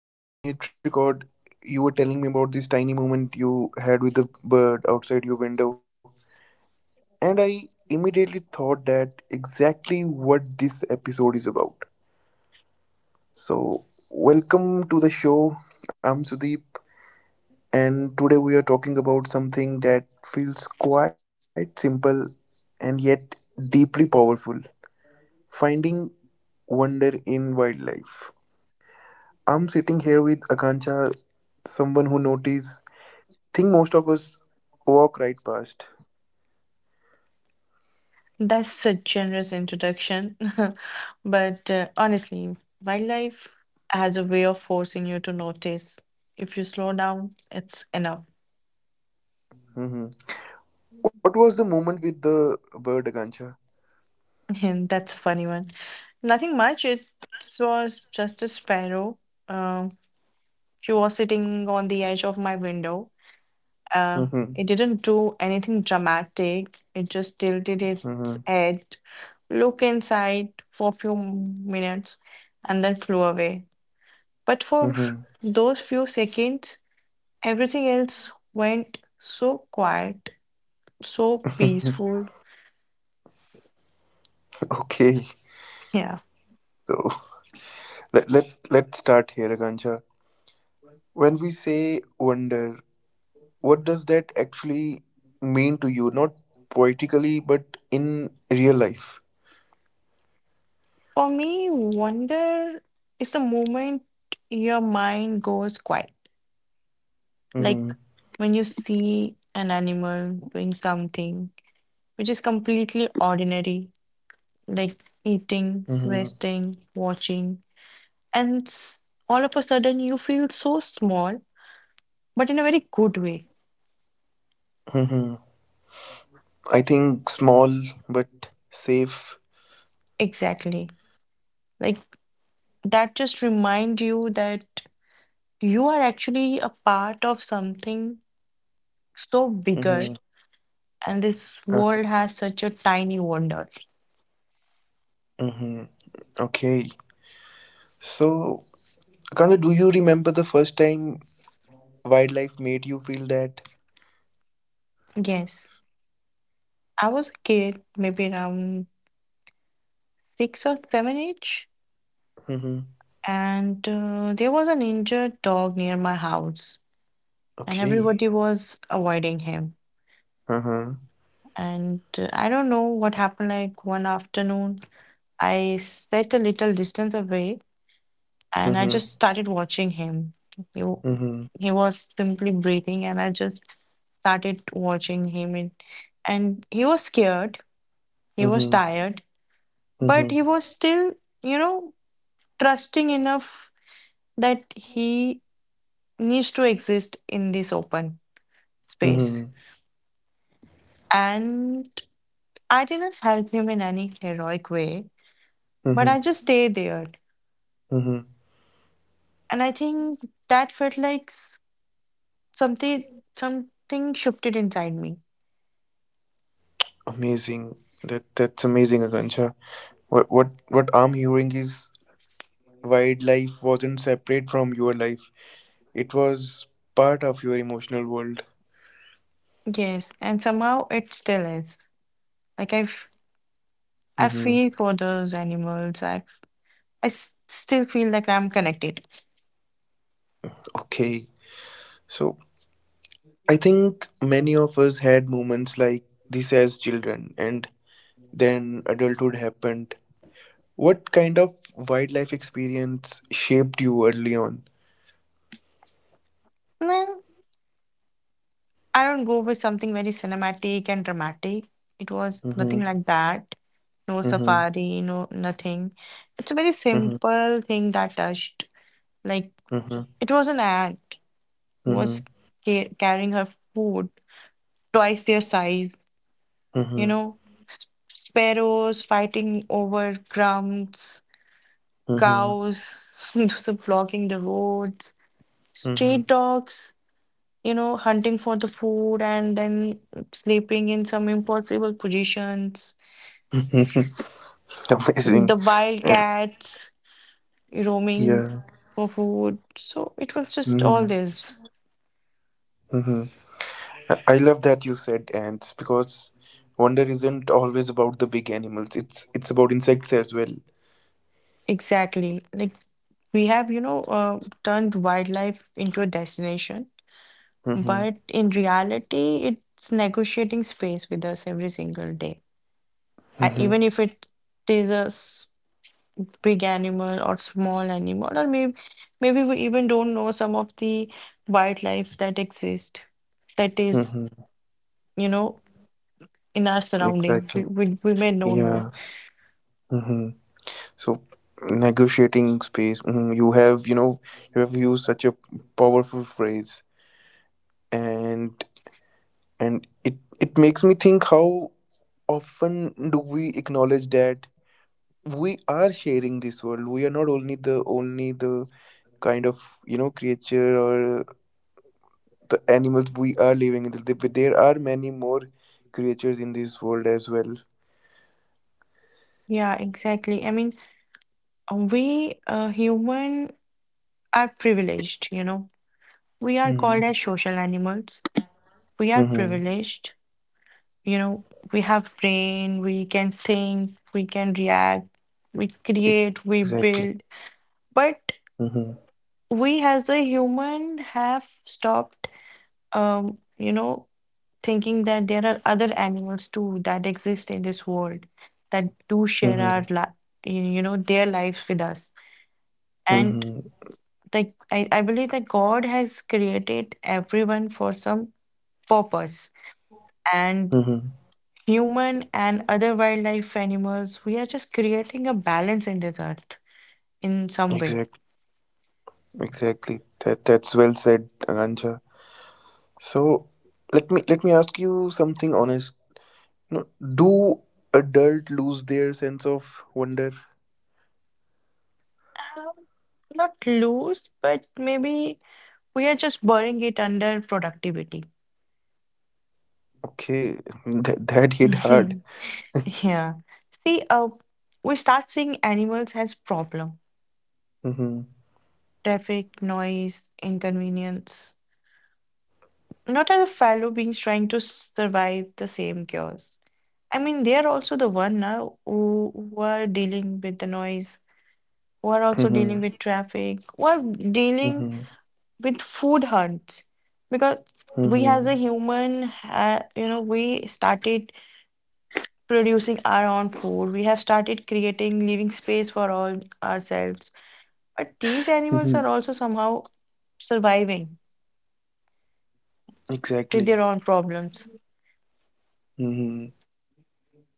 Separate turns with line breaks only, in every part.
before we even hit record, you were telling me about this tiny moment you had with the bird outside your window. And I immediately thought that exactly what this episode is about. So, welcome to the show. I'm Sudeep, and today we are talking about something that feels quite simple and yet deeply powerful, finding wonder in wildlife. I'm sitting here with Akanksha, someone who notices think most of us walk right past.
That's a generous introduction. But honestly, wildlife has a way of forcing you to notice. If you slow down, it's enough.
Hmm. What was the moment with the bird, Agancha?
And that's a funny one. Nothing much. It was just a sparrow. Uh, she was sitting on the edge of my window. Uh,
Hmm.
it didn't do anything dramatic. It just tilted its
Hmm.
head, looked inside for a few minutes, and then flew away. But for
Hmm.
those few seconds, everything else went so quiet, so peaceful.
Okay,
Yeah.
so let, let, let's start here, Agancha. When we say wonder, what does that actually mean to you? Not poetically, but in real life.
For me, wonder is the moment your mind goes quiet. Like
Hmm.
when you see an animal doing something which is completely ordinary, like
Hmm.
eating, resting, watching, and s- all of a sudden you feel so small, but in a very good way.
Hmm. I think small but safe.
Exactly. Like that just remind you that you are actually a part of something so bigger,
Hmm.
and this world has such a tiny wonder.
Hmm. Okay, so Kakanda, do you remember the first time wildlife made you feel that?
Yes, I was a kid, maybe around six or seven age,
Mm-hmm.
and there was an injured dog near my house, and
Okay.
everybody was avoiding him.
Uh-huh.
And I don't know what happened, like one afternoon, I sat a little distance away and I
Mm-hmm.
just started watching him. He, w-
Mm-hmm.
he was simply breathing, and I just started watching him. And he was scared, he was
Mm-hmm.
tired, but he
Mm-hmm.
was still, you know, trusting enough that he needs to exist in this open space.
Mm-hmm.
And I didn't help him in any heroic way, but
Mm-hmm.
I just stayed there.
Mm-hmm.
And I think that felt like something something shifted inside me.
Amazing. That's amazing, Akanksha. What I'm hearing is wildlife wasn't separate from your life. It was part of your emotional world.
Yes, and somehow it still is. Like I, f I
Mm-hmm.
feel for those animals. I s still feel like I'm connected.
Okay. So I think many of us had moments like this as children, and then adulthood happened. What kind of wildlife experience shaped you early on?
No, I don't go with something very cinematic and dramatic. It was nothing
Mm-hmm.
like that. No
Mm-hmm.
safari, no nothing. It's a very
Mm-hmm.
simple thing that touched. Like
Mm-hmm.
it was an ant was
Mm-hmm.
ca carrying her food twice their size. You know, S- sparrows fighting over crumbs,
Mm-hmm.
cows those are blocking the roads, street
Mm-hmm.
dogs, you know, hunting for the food and then sleeping in some impossible positions,
Mm-hmm.
the
Amazing.
wild
And
cats roaming
yeah.
for food. So it was just all
Mm-hmm.
this.
Mm-hmm. I love that you said ants, because wonder isn't always about the big animals. It's about insects as well.
Exactly. Like we have, you know, turned wildlife into a destination,
Mm-hmm.
but in reality, it's negotiating space with us every single day. I,
Mm-hmm.
even if it is a big animal or small animal, or maybe we even don't know some of the wildlife that exist, that is,
Mm-hmm.
you know, in our surrounding.
Exactly.
We may don't know.
Yeah. Mm-hmm. So, negotiating space. Mhm, you have used such a powerful phrase, and and it makes me think, how often do we acknowledge that we are sharing this world? We are not only the kind of, creature, or the animals we are living in. There are many more creatures in this world as well.
Yeah, exactly. I mean, we human are privileged, you know. We are called
Hmm.
as social animals. We are
Hmm.
privileged, you know. We have brain, we can think, we can react, we create, we
Exactly.
build. But
Hmm.
we as a human have stopped, you know, thinking that there are other animals too that exist in this world that do share
Hmm.
our li you know, their lives with us, and
Hmm.
like I believe that God has created everyone for some purpose, and
Hmm.
human and other wildlife animals we are just creating a balance in this earth in some way.
Exactly. Exactly. That's well said, Akanksha. So, let me ask you something honest. No, do adult lose their sense of wonder?
Um, Not loose, but maybe we are just burying it under productivity.
Okay, that hit
Mhm.
hard.
Yeah. See, we start seeing animals as problem,
Mm-hmm.
traffic, noise, inconvenience, not as a fellow beings trying to survive the same chaos. I mean, they are also the one now who are dealing with the noise, who are also dealing with
Mm-hmm.
traffic, who are dealing
Mm-hmm.
with food hunts. Because we as a
Mm-hmm.
human, ha you know, we started producing our own food. We have started creating living space for all ourselves. But these animals
Mm-hmm.
are also somehow surviving with
Exactly.
their own problems.
Mm-hmm.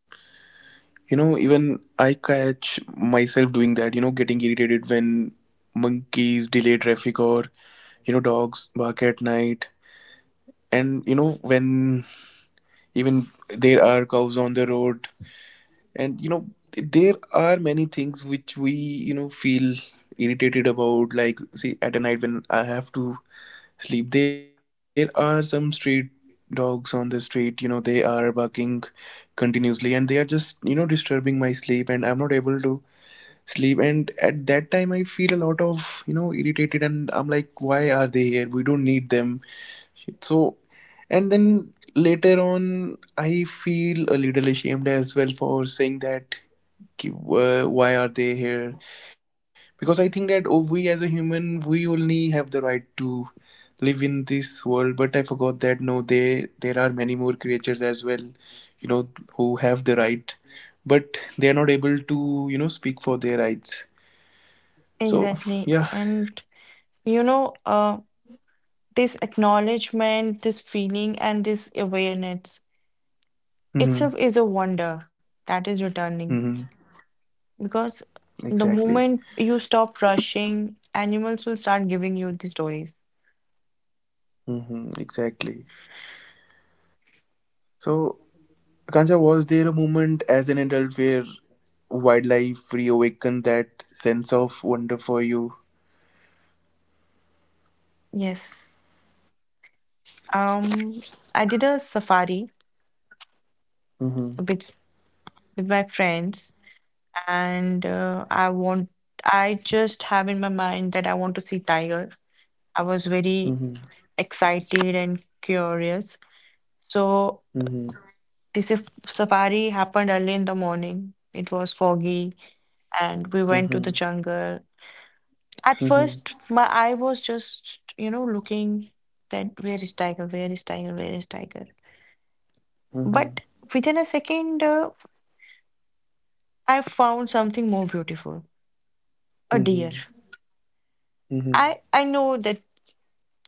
You know, even I catch myself doing that. You know, getting irritated when monkeys delay traffic, or dogs bark at night, and when even there are cows on the road, and there are many things which we feel irritated about. Like, see, at a night when I have to sleep, there are some street dogs on the street, they are barking continuously, and they are just disturbing my sleep, and I'm not able to sleep. And at that time I feel a lot of, irritated, and I'm like, why are they here, we don't need them. So, and then later on, I feel a little ashamed as well for saying that, why are they here? Because I think that, oh, we as a human, we only have the right to live in this world. But I forgot that, no, they there are many more creatures as well, you know, who have the right, but they are not able to speak for their rights. So,
Exactly.
yeah.
And you know, this acknowledgement, this feeling, and this awareness itself
Mm-hmm.
is a wonder that is returning,
Mm-hmm.
because the
Exactly.
moment you stop rushing, animals will start giving you the stories.
Mm-hmm. Exactly. So, Akansha, was there a moment as an adult where wildlife reawakened that sense of wonder for you?
Yes. Um, I did a safari
Mm-hmm.
with my friends, and I just have in my mind that I want to see tiger. I was very
Mm-hmm.
excited and curious. So this if safari happened early in the morning. It was foggy, and we went to the
Mm-hmm.
jungle. At first,
Mm-hmm.
my eye was just, you know, looking that where is tiger, where is tiger, where is tiger.
Mm-hmm.
But
Mm-hmm.
within a second, I found something more beautiful, a deer.
Mm-hmm.
I
Mm-hmm.
I know that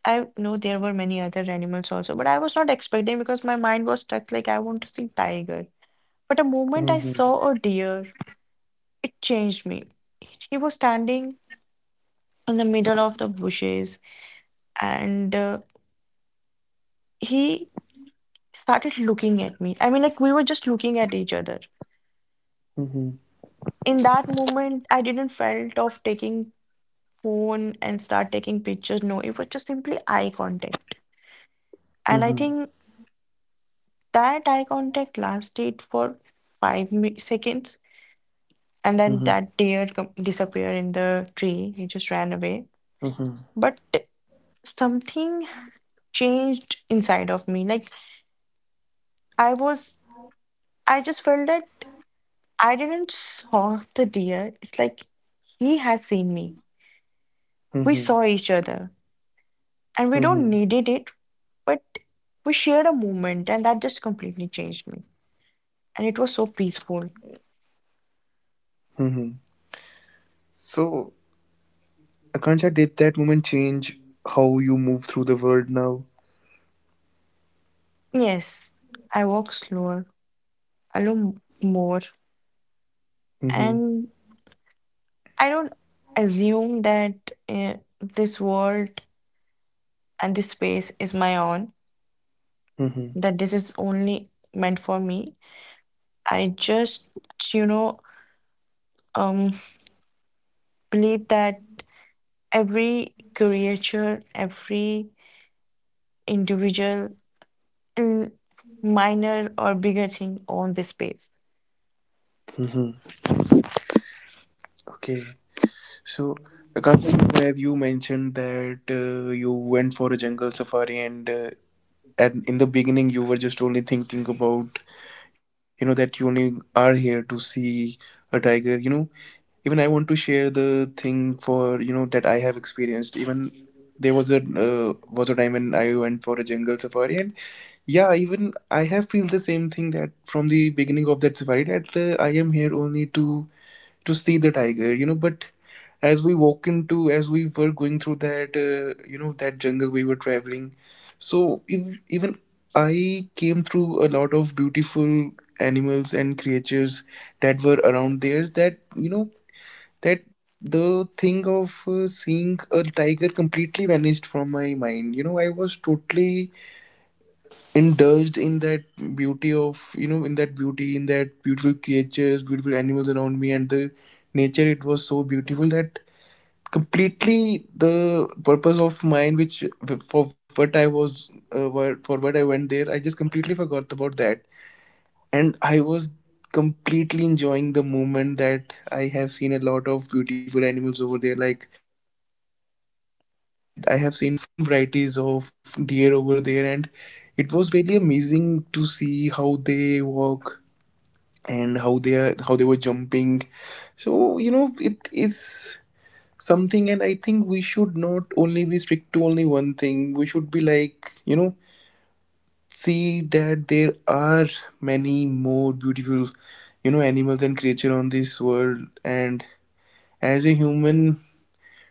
I know there were many other animals also, but I was not expecting because my mind was stuck like I want to see tiger. But the moment I
Mm-hmm.
saw a
Mm-hmm.
deer, it changed me. He was standing in the middle of the bushes, and he started looking at me. I mean, like we were just looking at each other.
Mm-hmm.
In that moment, I didn't felt of taking phone and start taking pictures. No, it was just simply eye contact. And I
Mm-hmm.
think that eye contact lasted for seconds. And then that deer disappeared in the tree. He just ran away. But something changed inside of me. Like I was, I just felt that I didn't saw the deer. It's like he had seen me. We
Mm-hmm.
saw each other, and we don't
Mm-hmm.
needed it, but we shared a moment, and that just completely changed me. And it was so peaceful.
Mm-hmm. So, Akansha, did that moment change how you move through the world now?
Yes, I walk slower, I look more,
Mm-hmm.
and I don't assume that this world and this space is my own,
Mm-hmm.
that this is only meant for me. I just, you know, um, believe that every creature, every individual, in minor or bigger thing on this space.
Mm-hmm. Okay. So, the Akash, where you mentioned that you went for a jungle safari, and in the beginning you were just only thinking about, that you only are here to see a tiger. Even I want to share the thing for, that I have experienced. Even there was a time when I went for a jungle safari, and yeah, even I have feel the same thing, that from the beginning of that safari that, I am here only to see the tiger. But as, we walk into as we were going through that, that jungle we were traveling, so even I came through a lot of beautiful animals and creatures that were around there, that you know that the thing of, seeing a tiger completely vanished from my mind. I was totally indulged in that beauty, of, in that beautiful creatures, beautiful animals around me, and the nature it was so beautiful that completely the purpose of mine, which for what I was, for what I went there, I just completely forgot about that. And I was completely enjoying the moment, that I have seen a lot of beautiful animals over there. Like, I will say that I have seen, different varieties of deer over there, and it was really amazing to see how they walk, and how they were jumping. So, it is something. And I think we should not only be strict to only one thing. We should be like, see that there are many more beautiful, animals and creature on this world. And as a human,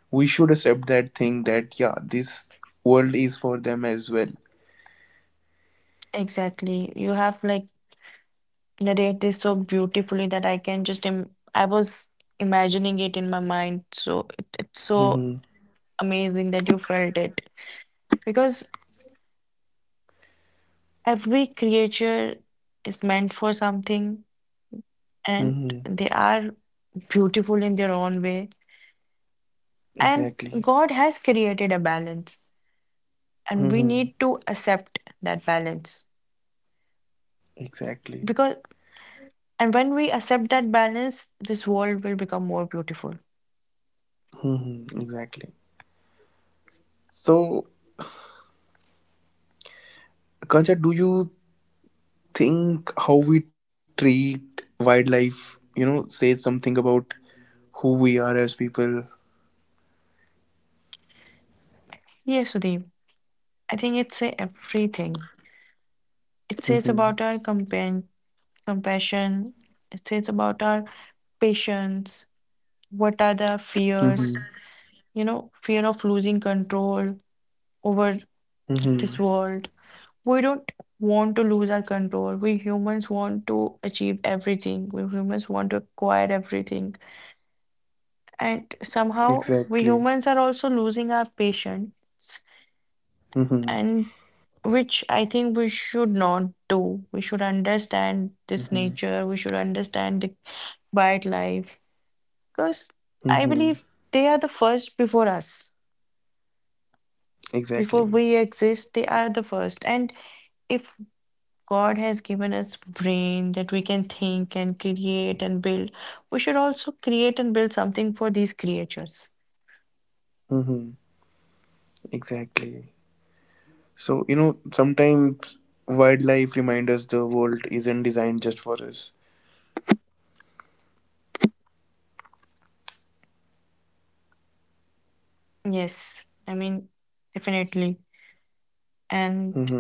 we should accept that thing, that yeah, this world is for them as well.
Exactly. You have like narrated this so beautifully that I can just, I was imagining it in my mind. So it's so
Mm-hmm.
amazing that you felt it. Because every creature is meant for something, and
Mm-hmm.
they are beautiful in their own way. And
Exactly.
God has created a balance, and we
Mm-hmm.
need to accept that balance.
Exactly.
Because, and when we accept that balance, this world will become more beautiful.
Mm-hmm. Exactly. So, Kancha, do you think how we treat wildlife, says something about who we are as people?
Yes, Sudeep, I think it says everything. It
Mm-hmm.
says about our compassion, it says about our patience, what are the
Mm-hmm.
fears, you know, fear of losing control, over
Mm-hmm.
this world. We don't want to lose our control. We humans want to achieve everything. We humans want to acquire everything. And somehow,
Exactly.
we humans are also losing our patience,
Mm-hmm.
and which I think we should not do. We should understand this
Mm-hmm.
nature. We should understand the quiet life. Because I
Mm-hmm.
believe they are the first before us.
Exactly.
Before we exist, they are the first. And if God has given us brain that we can think and create and build. We should also create and build something for these creatures.
Mm-hmm. Exactly. So, sometimes wildlife reminds us the world isn't designed just for us.
Yes, I mean, definitely. And
Mm-hmm.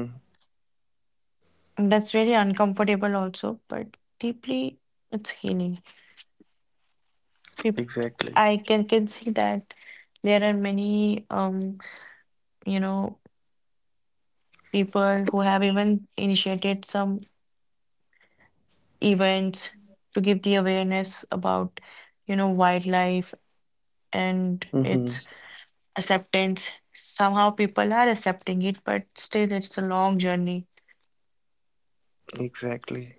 that's really uncomfortable also, but deeply it's healing. Peop-
Exactly.
I can see that there are many you know, people who have even initiated some events to give the awareness about, you know, wildlife and
Mm-hmm.
its acceptance. Somehow people are accepting it, but still it's a long journey.
Exactly.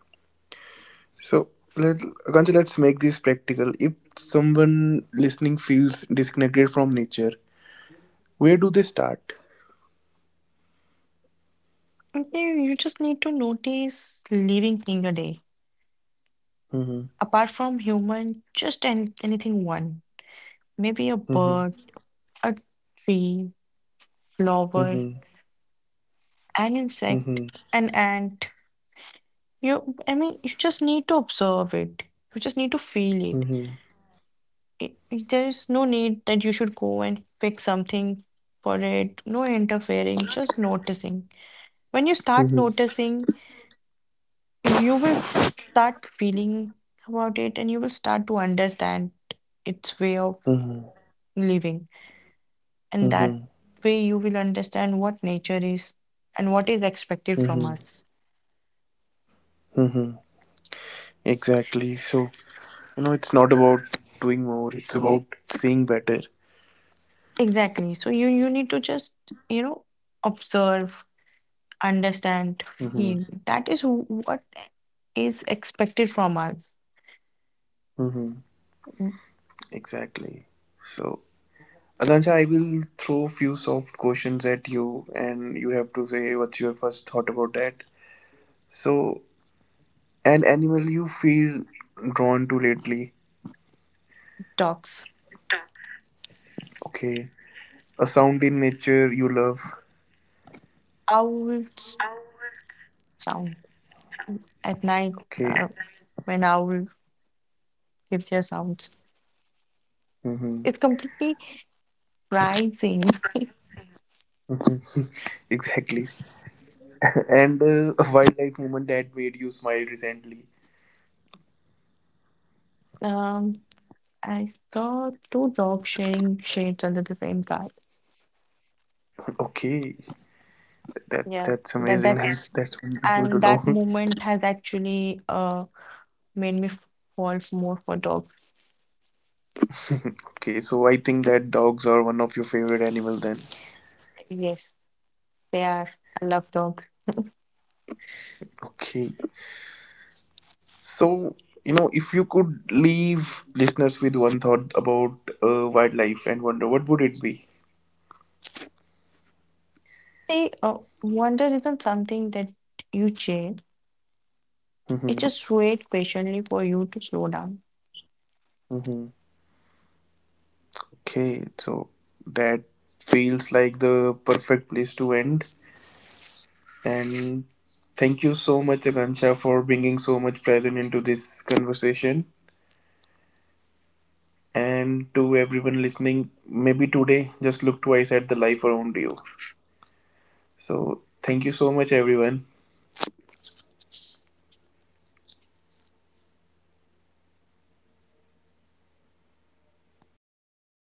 So, let Kancha, let's make this practical. If someone listening feels disconnected from nature, where do they start?
Okay, you just need to notice living thing a day.
Mhm.
Apart from human, just anything one. Maybe a
Mhm.
bird, a tree, flower,
Mhm.
an insect,
Mhm.
an ant. You, I mean, you just need to observe it. You just need to feel it.
Mhm.
I- There is no need that you should go and pick something for it. No interfering, just noticing. When you start
Mhm.
noticing you will start feeling about it and you will start to understand its way of
Mhm.
living. And that
Mhm.
way, you will understand what nature is and what is expected from
Mhm.
us.
Mhm. Exactly. So, it's not about doing more, it's about seeing better.
Exactly. So you need to just, you know, observe, understand,
Mhm.
feel. That is what is expected from us.
Mhm. Exactly. So, Akansha, I will throw few soft questions at you, and you have to say what's your first thought about that. So, an animal you feel drawn to lately?
Dogs,
Okay. A sound in nature you love?
owls sound at night,
Okay.
uh, when owl gives their sounds.
Mm-hmm.
It's completely rising.
Mm-hmm. Exactly. And a wildlife moment that made you smile recently.
Um, I saw two dogs sharing shades under the same car.
Okay, that
Yeah,
that's
that
amazing. That's
that's
that's wonderful to
and
know.
that moment has actually made me fall more for dogs.
Okay, so I think that dogs are one of your favorite animal then.
Yes, they are. I love dogs.
Okay. So, if you could leave listeners with one thought about wildlife and wonder, what would it be?
See, wonder isn't something that you chase. It
Mm-hmm.
just wait patiently for you to slow down.
Mm-hmm. Okay, so that feels like the perfect place to end. And thank you so much, Akansha, for bringing so much present into this conversation. And to everyone listening, maybe today just look twice at the life around you. So, thank you so much, everyone.